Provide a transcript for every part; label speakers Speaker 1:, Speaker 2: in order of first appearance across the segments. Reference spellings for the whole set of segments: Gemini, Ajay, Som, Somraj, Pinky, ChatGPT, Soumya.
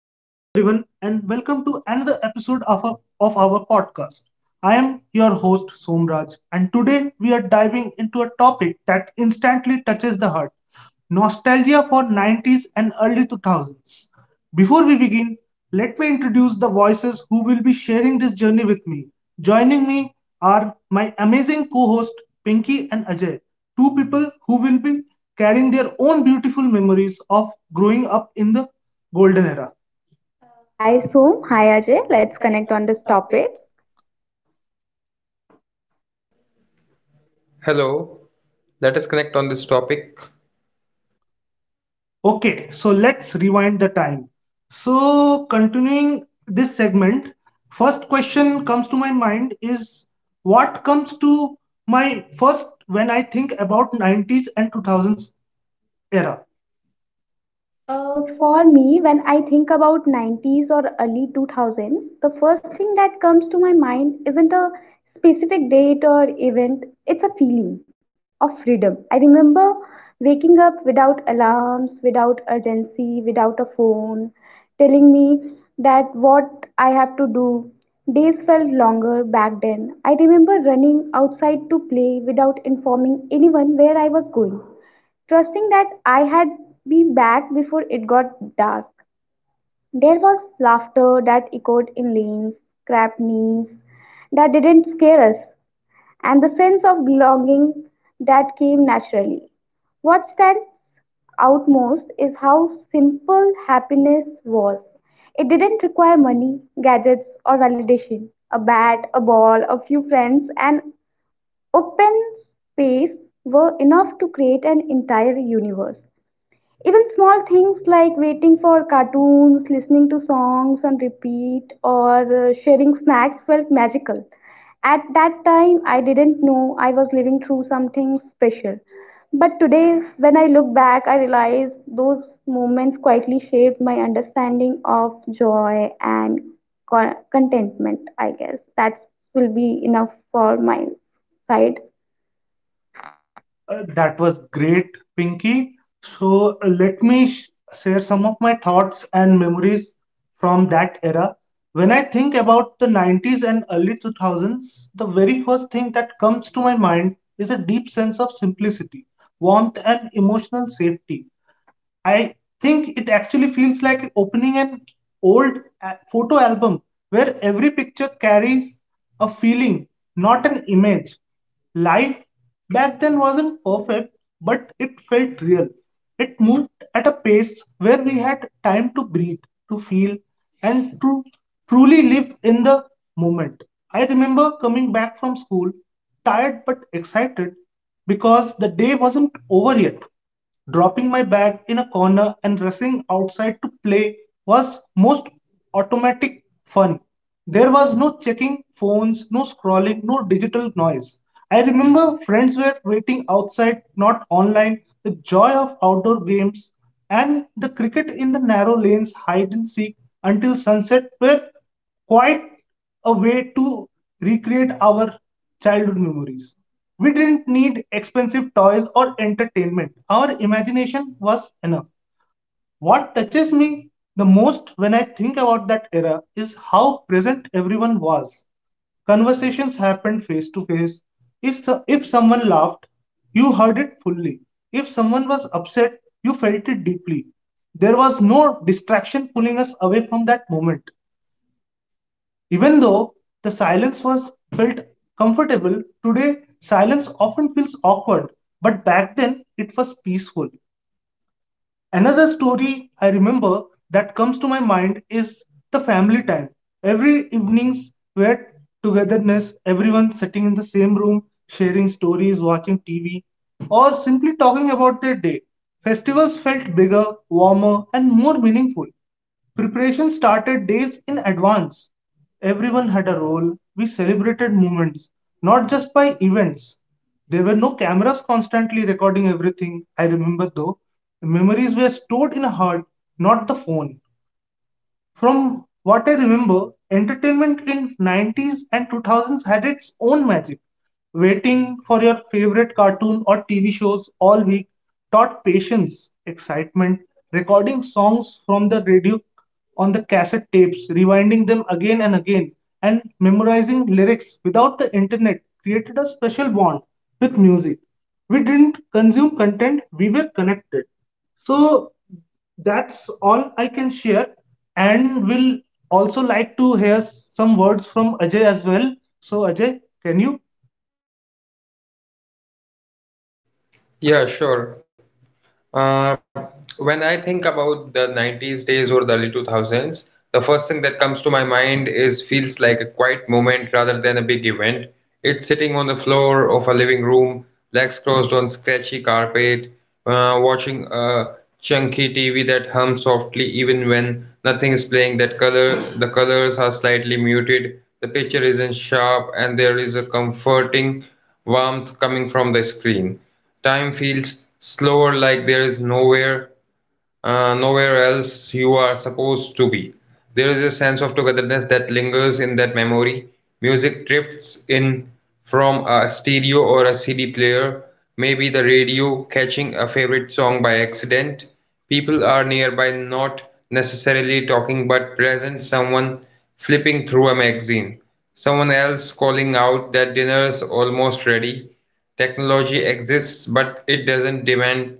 Speaker 1: Hello, everyone, and welcome to another episode of our podcast. I am your host, Somraj, and today we are diving into a topic that instantly touches the heart nostalgia for nineties and early two thousands. Before we begin, let me introduce the voices who will be sharing this journey with me. Joining me are my amazing co host, Pinky and Ajay, two people who will be carrying their own beautiful memories of growing up in the golden era.
Speaker 2: Hi Som, hi Ajay. Let's connect on this topic.
Speaker 3: Hello, let us connect on this topic.
Speaker 1: Okay, so let's rewind the time. So, continuing this segment, first question comes to my mind is what comes to my first when I think about nineties and two thousands era?
Speaker 2: For me, when I think about 90s or early 2000s, the first thing that comes to my mind isn't a specific date or event, it's a feeling of freedom. I remember waking up without alarms, without urgency, without a phone, telling me that what I have to do. Days felt longer back then. I remember running outside to play without informing anyone where I was going. Trusting that I had be back before it got dark. There was laughter that echoed in lanes, scrap knees that didn't scare us, and the sense of belonging that came naturally. What stands out most is how simple happiness was. It didn't require money, gadgets, or validation. A bat, a ball, a few friends, and open space were enough to create an entire universe. Even small things like waiting for cartoons, listening to songs on repeat, or sharing snacks felt magical. At that time, I didn't know I was living through something special. But today, when I look back, I realize those moments quietly shaped my understanding of joy and contentment, I guess. That will be enough for my side.
Speaker 1: That was great, Pinky. So share some of my thoughts and memories from that era. When I think about the nineties and early two thousands, the very first thing that comes to my mind is a deep sense of simplicity, warmth, and emotional safety. I think it actually feels like opening an old photo album where every picture carries a feeling, not an image. Life back then wasn't perfect, but it felt real. It moved at a pace where we had time to breathe, to feel, and to truly live in the moment. I remember coming back from school, tired but excited because the day wasn't over yet. Dropping my bag in a corner and rushing outside to play was most automatic fun. There was no checking phones, no scrolling, no digital noise. I remember friends were waiting outside, not online. The joy of outdoor games and the cricket in the narrow lanes, hide and seek until sunset were quiet a way to recreate our childhood memories. We didn't need expensive toys or entertainment. Our imagination was enough. What touches me the most when I think about that era is how present everyone was. Conversations happened face to face. If someone laughed, you heard it fully. If someone was upset, you felt it deeply. There was no distraction pulling us away from that moment. Even though the silence was felt comfortable, today silence often feels awkward, but back then it was peaceful. Another story I remember that comes to my mind is the family time. Every evening's were togetherness, everyone sitting in the same room, sharing stories, watching TV, or simply talking about their day. Festivals felt bigger, warmer, and more meaningful. Preparation started days in advance. Everyone had a role. We celebrated moments, not just by events. There were no cameras constantly recording everything, I remember though. Memories were stored in a heart, not the phone. From what I remember, entertainment in nineties and two thousands had its own magic. Waiting for your favorite cartoon or TV shows all week taught patience, excitement, recording songs from the radio on the cassette tapes, rewinding them again and again, and memorizing lyrics without the internet created a special bond with music. We didn't consume content, we were connected. So that's all I can share, and will also like to hear some words from Ajay as well. So, Ajay, can you?
Speaker 3: Yeah, sure. Uh, when I think about the 90s days or the early 2000s, the first thing that comes to my mind is feels like a quiet moment rather than a big event. It's sitting on the floor of a living room, legs crossed on scratchy carpet, watching a chunky TV that hums softly even when nothing is playing. That color, the colors are slightly muted, the picture isn't sharp, and there is a comforting warmth coming from the screen. Time feels slower like there is nowhere else you are supposed to be. There is a sense of togetherness that lingers in that memory. Music drifts in from a stereo or a CD player, maybe the radio, catching a favorite song by accident. People are nearby, not necessarily talking but present, someone flipping through a magazine, someone else calling out that dinner is almost ready. Technology exists, but it doesn't demand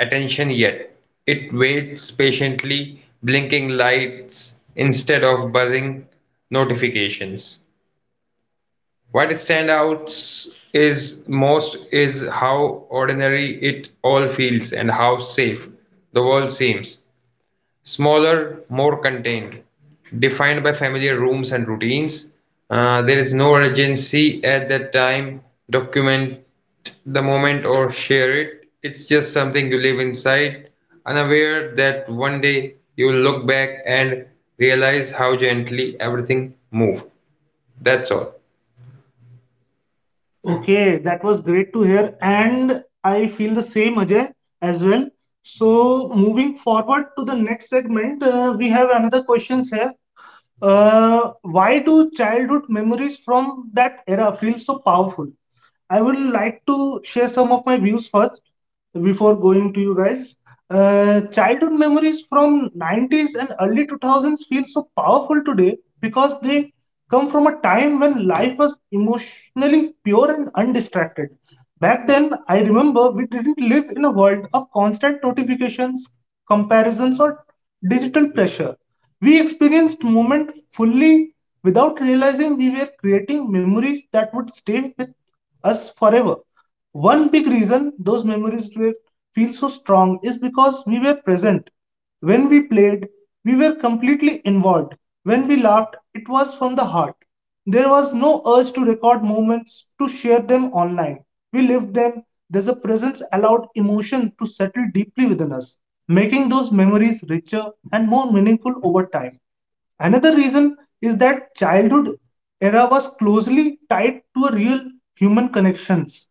Speaker 3: attention yet, it waits patiently, blinking lights instead of buzzing notifications. What stands out is most is how ordinary it all feels and how safe the world seems. Smaller, more contained, defined by familiar rooms and routines. There is no urgency at that time, document the moment or share it. It's just something you live inside, unaware that one day you'll look back and realize how gently everything moved. That's all.
Speaker 1: Okay, that was great to hear, and I feel the same, Ajay, as well. So, moving forward to the next segment, we have another questions here. Why do childhood memories from that era feel so powerful? I would like to share some of my views first before going to you guys. Childhood memories from nineties and early two thousands feel so powerful today because they come from a time when life was emotionally pure and undistracted. Back then, I remember we didn't live in a world of constant notifications, comparisons, or digital pressure. We experienced moment fully without realizing we were creating memories that would stay with us forever. One big reason those feel so strong is because we were present. When we played, we were completely involved. When we laughed, it was from the heart. There was no urge to record moments, to share them online. We lived them. There's a presence allowed emotion to settle deeply within us, making those memories richer and more meaningful over time. Another reason is that childhood era was closely tied to a real human connections.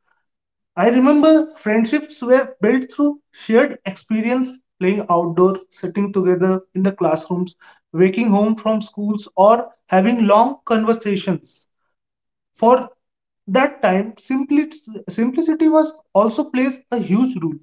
Speaker 1: I remember friendships were built through shared experience, playing outdoor, sitting together in the classrooms, waking home from schools, or having long conversations. For that time, simplicity was also plays a huge role.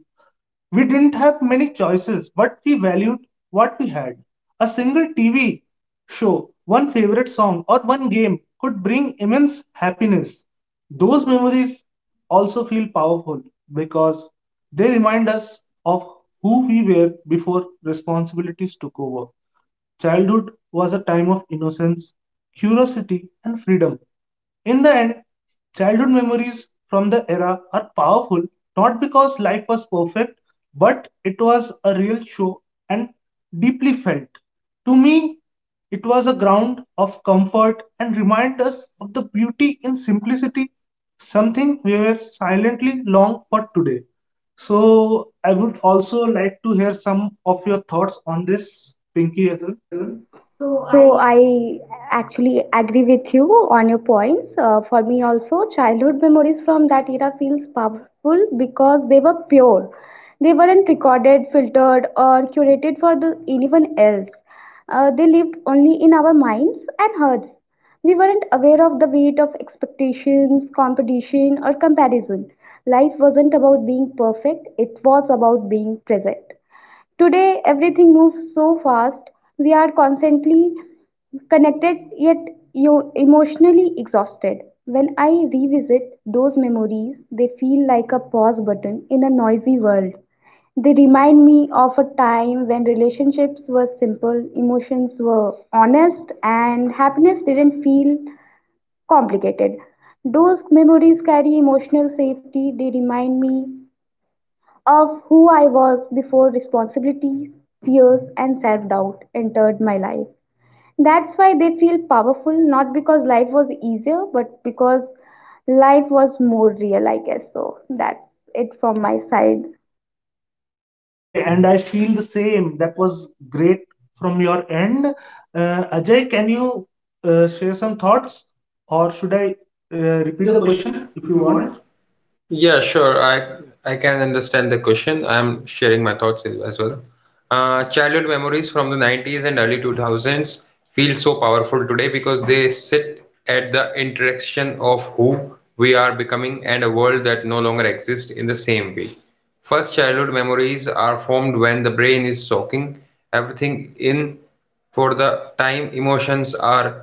Speaker 1: We didn't have many choices, but we valued what we had. A single TV show, one favorite song, or one game could bring immense happiness. Those memories also feel powerful because they remind us of who we were before responsibilities took over. Childhood was a time of innocence, curiosity, and freedom. In the end, childhood memories from the era are powerful not because life was perfect, but it was a real show and deeply felt. To me, it was a ground of comfort and reminded us of the beauty in simplicity, something we were silently long for today. So, I would also like to hear some of your thoughts on this, Pinky, as well.
Speaker 2: Yes, ma'am. So I actually agree with you on your points. For me also, childhood memories from that era feels powerful because they were pure. They weren't recorded, filtered, or curated for the anyone else. They lived only in our minds and hearts. We weren't aware of the weight of expectations, competition, or comparison. Life wasn't about being perfect, it was about being present. Today, everything moves so fast, we are constantly connected yet you emotionally exhausted. When I revisit those memories, they feel like a pause button in a noisy world. They remind me of a time when relationships were simple, emotions were honest, and happiness didn't feel complicated. Those memories carry emotional safety. They remind me of who I was before responsibilities, fears, and self doubt entered my life. That's why they feel powerful, not because life was easier, but because life was more real, I guess. So that's it from my side.
Speaker 1: Okay, and I feel the same. That was great from your end. Ajay, can you share some thoughts or should I uh, repeat the
Speaker 3: Repeat the
Speaker 1: question
Speaker 3: question
Speaker 1: if you
Speaker 3: if you
Speaker 1: want?
Speaker 3: want. Yeah, sure. I can understand the question. I'm sharing my thoughts as well. Childhood memories from the 90s and early 2000s feel so powerful today because they sit at the intersection of who we are becoming and a world that no longer exists in the same way. First, childhood memories are formed when the brain is soaking everything in for the time emotions are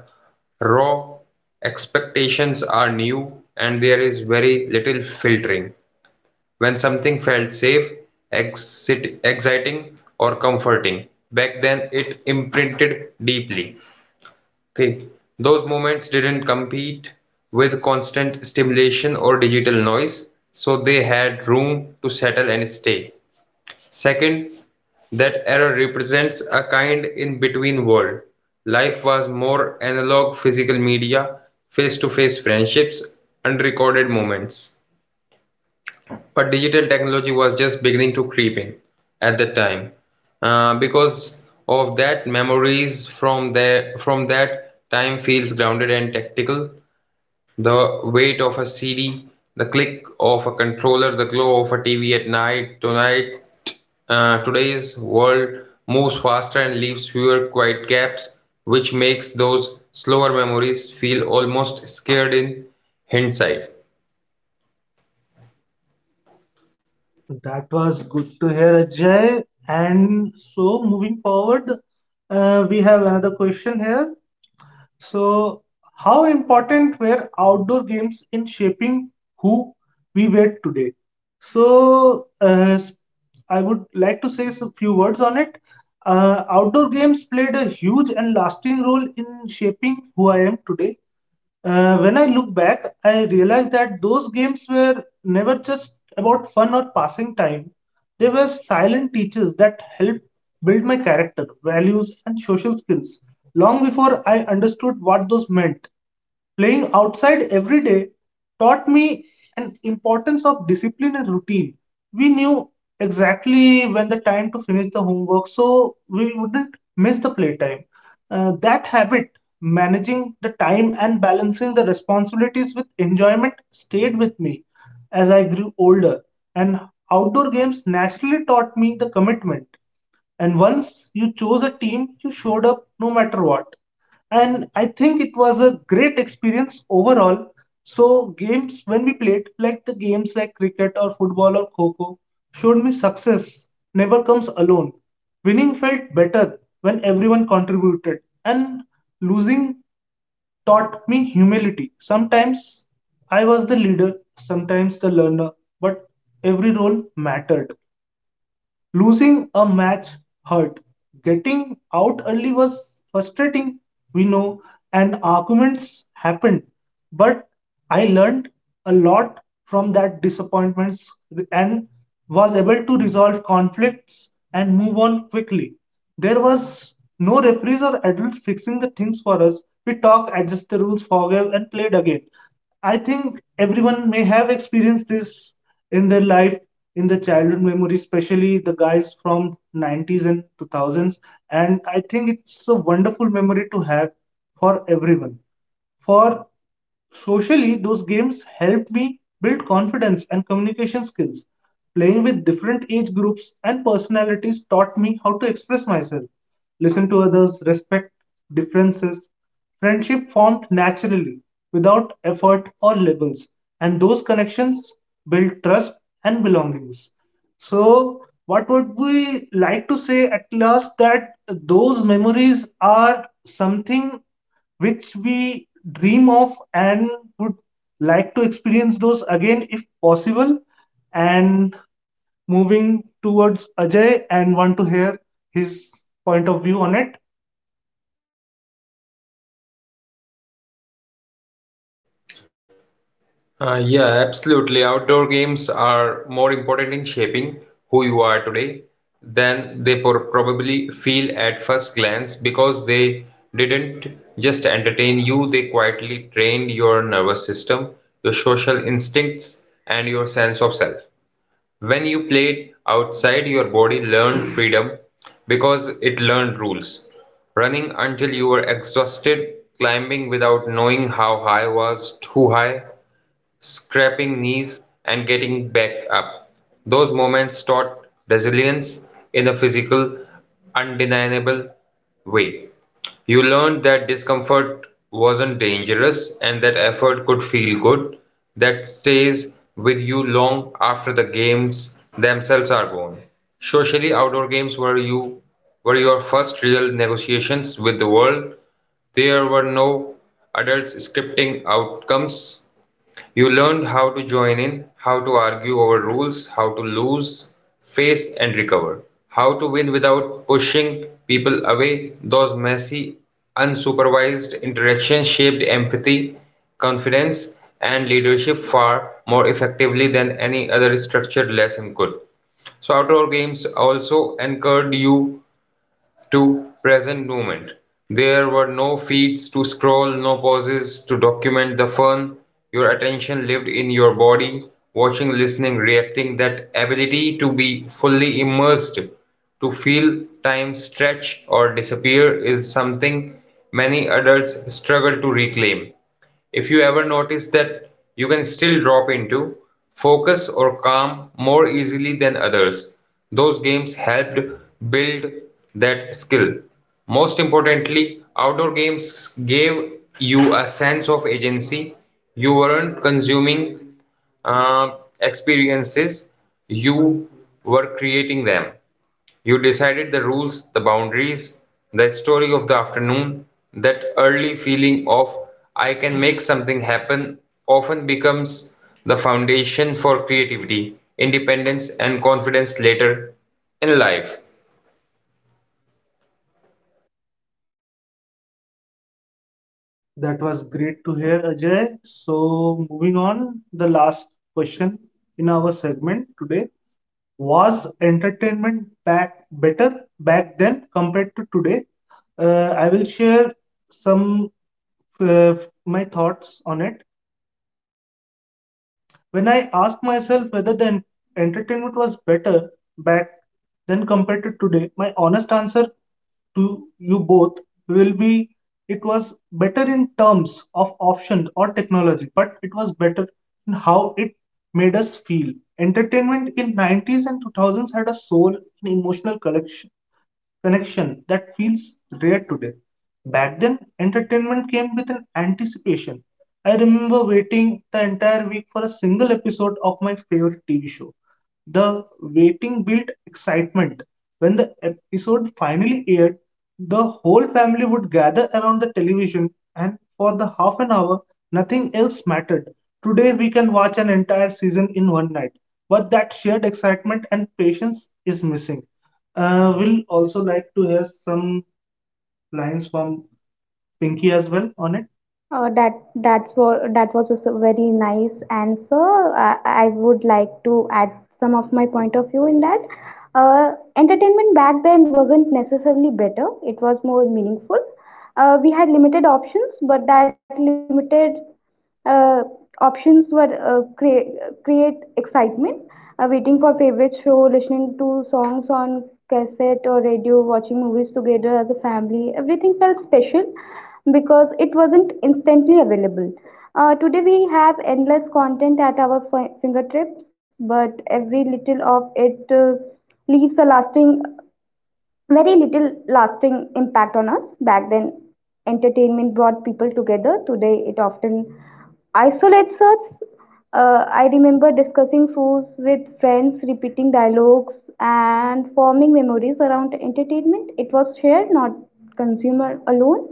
Speaker 3: raw, expectations are new and there is very little filtering. When something felt safe, exciting or comforting, back then it imprinted deeply. Okay. Those moments didn't compete with constant stimulation or digital noise, so they had room to settle and stay. Second, that era represents a kind in-between world. Life was more analog physical media, face-to-face friendships, unrecorded moments. But digital technology was just beginning to creep in at that time. Because of that, memories from there from that time feels grounded and tactical. The weight of a CD, the click of a controller, the glow of a TV at night. Tonight, today's world moves faster and leaves fewer quiet gaps, which makes those slower memories feel almost scared in hindsight.
Speaker 1: That was good to hear, Ajay. And so, moving forward, we have another question here. So, how important were outdoor games in shaping who we were today? So, I would like to say a few words on it. Outdoor games played a huge and lasting role in shaping who I am today. When I look back, I realize that those games were never just about fun or passing time. They were silent teachers that helped build my character, values, and social skills long before I understood what those meant. Playing outside every day taught me an importance of discipline and routine. We knew exactly when the time to finish the homework, so we wouldn't miss the playtime. That habit, managing the time and balancing the responsibilities with enjoyment, stayed with me as I grew older. And outdoor games naturally taught me the commitment. And once you chose a team, you showed up no matter what and I think it was a great experience overall. So games when we played, like the games like cricket or football or kho showed me success never comes alone. Winning felt better when everyone contributed, and losing taught me humility. Sometimes I was the leader, sometimes the learner, but every role mattered. Losing a match hurt. Getting out early was frustrating, we know, and arguments happened. But I learned a lot from that disappointments and was able to resolve conflicts and move on quickly. There was no referees or adults fixing the things for us. We talked, adjusted the rules, forgave, and played again. I think everyone may have experienced this in their life, in their childhood memory, especially the guys from nineties and two thousands. And I think it's a wonderful memory to have for everyone. For socially, those games helped me build confidence and communication skills. Playing with different age groups and personalities taught me how to express myself, listen to others, respect differences, Friendship formed naturally, without effort or labels, and those connections build trust and belongings. So, what would we like to say at last that those memories are something which we dream of and would like to experience those again if possible? And moving towards Ajay and want to hear his point of view on it.
Speaker 3: Yeah, absolutely. Outdoor games are more important in shaping who you are today than they probably feel at first glance because they didn't just entertain you, they quietly trained your nervous system, your social instincts, and your sense of self. When you played outside, your body learned freedom because it learned rules. Running until you were exhausted, climbing without knowing how high was too high, scraping knees and getting back up. Those moments taught resilience in a physical, undeniable way. You learned that discomfort wasn't dangerous and that effort could feel good. That stays with you long after the games themselves are gone. Socially, outdoor games were your first real negotiations with the world. There were no adults scripting outcomes. You learned how to join in, how to argue over rules, how to lose, face, and recover, how to win without pushing people away. Those messy, unsupervised interactions shaped empathy, confidence, and leadership far more effectively than any other structured lesson could. So outdoor games also encouraged you to present moment. There were no feeds to scroll, no pauses to document the fun. Your attention lived in your body, watching, listening, reacting. That ability to be fully immersed, to feel time stretch or disappear, is something many adults struggle to reclaim. If you ever notice that you can still drop into focus or calm more easily than others, those games helped build that skill. Most importantly, outdoor games gave you a sense of agency. You weren't consuming uh, experiences, you were creating them. You decided the rules, the boundaries, the story of the afternoon. That early feeling of I can make something happen often becomes the foundation for creativity, independence, and confidence later in life.
Speaker 1: That was great to hear, Ajay. So, moving on, the last question in our segment today was entertainment back better back then compared to today? I will share some uh, my thoughts on it. When I asked myself whether the entertainment was better back then compared to today, my honest answer to you both will be it was better in terms of options or technology, but it was better in how it made us feel. Entertainment in nineties and two thousands had a soul and emotional connection connection that feels rare today. Back then, entertainment came with an anticipation. I remember waiting the entire week for a single episode of my favorite TV show. The waiting built excitement. When the episode finally aired, the whole family would gather around the television, and for the half an hour, nothing else mattered. Today, we can watch an entire season in one night, but that shared excitement and patience is missing. We'll also like to hear some lines from Pinky as well on it.
Speaker 2: That that's what that was a very nice answer. I would like to add some of my point of view in that. Uh, entertainment back then wasn't necessarily better. It was more meaningful. We had limited options, but that limited uh, options were create excitement, waiting for favorite show, listening to songs on cassette or radio, watching movies together as a family. Everything felt special because it wasn't instantly available. Today we have endless content at our fingertips, but every little of it leaves a lasting very little lasting impact on us. Back then, entertainment brought people together. Today, it often isolates us. I remember discussing shows with friends, repeating dialogues, and forming memories around entertainment. It was shared, not consumer alone.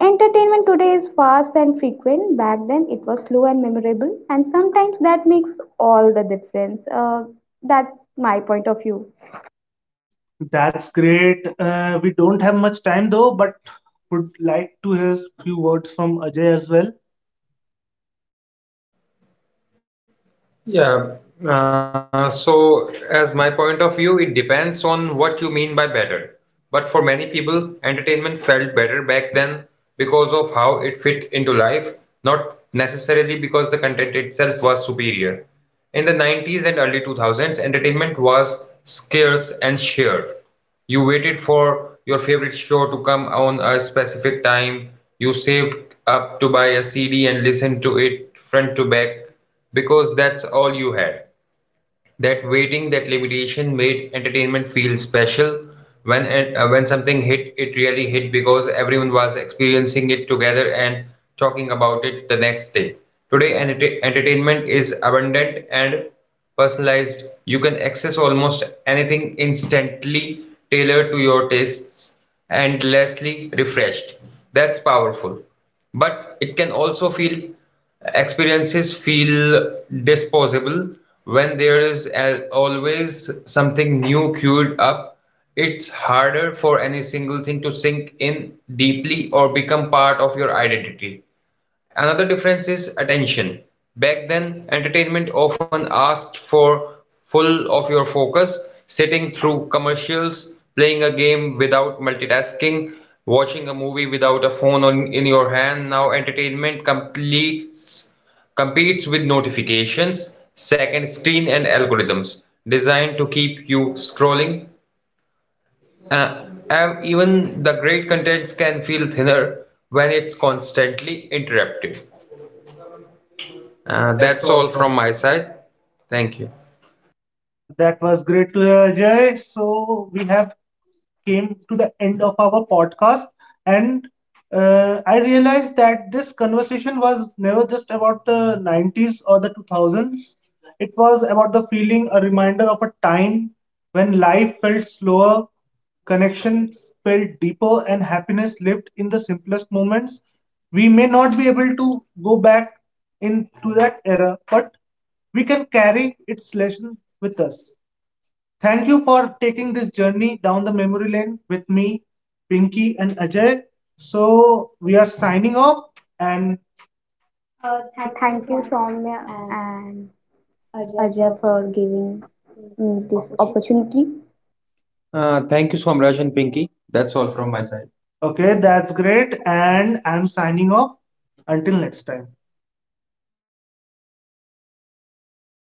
Speaker 2: Entertainment today is fast and frequent. Back then, it was slow and memorable, and sometimes that makes all the difference. That's my point of view.
Speaker 1: That's great. We don't have much time though, but would like to hear few words from Ajay as well.
Speaker 3: Yeah. So, as my point of view, it depends on what you mean by better. But for many people, entertainment felt better back then because of how it fit into life, not necessarily because the content itself was superior. In the 90s and early 2000s, entertainment was scarce and shared. You waited for your favorite show to come on a specific time. You saved up to buy a CD and listened to it front to back. Because that's all you had. That waiting, that limitation made entertainment feel special. When it- when something hit, it really hit because everyone was experiencing it together and talking about it the next day. Today, entertainment is abundant and personalized. You can access almost anything instantly tailored to your tastes endlessly refreshed. That's powerful. But it can also feel experiences feel disposable when there is always something new queued up. It's harder for any single thing to sink in deeply or become part of your identity. Another difference is attention. Back then, entertainment often asked for full of your focus, sitting through commercials, playing a game without multitasking, watching a movie without a phone on, in your hand. Now entertainment completes competes with notifications, second screen and algorithms designed to keep you scrolling. Uh, and even the great contents can feel thinner when it's constantly interrupted.
Speaker 1: Uh, that's
Speaker 3: That's all
Speaker 1: all. from.
Speaker 3: from my side. Thank you.
Speaker 1: That was great to hear, Jay. So we have came to the end of our podcast, and I realized that this conversation was never just about the nineties or the two thousands. It was about the feeling, a reminder of a time when life felt slower, connections felt deeper, and happiness lived in the simplest moments. We may not be able to go back into that era, but we can carry its lessons with us. Thank you for taking this journey down the memory lane with me, Pinky, and Ajay. So, we are signing off, and
Speaker 2: Thank you, Soumya and Ajay, for giving me this opportunity.
Speaker 1: thank you, Somraj and Pinky. That's all from my side. Okay, that's great. And I'm signing off. Until next time.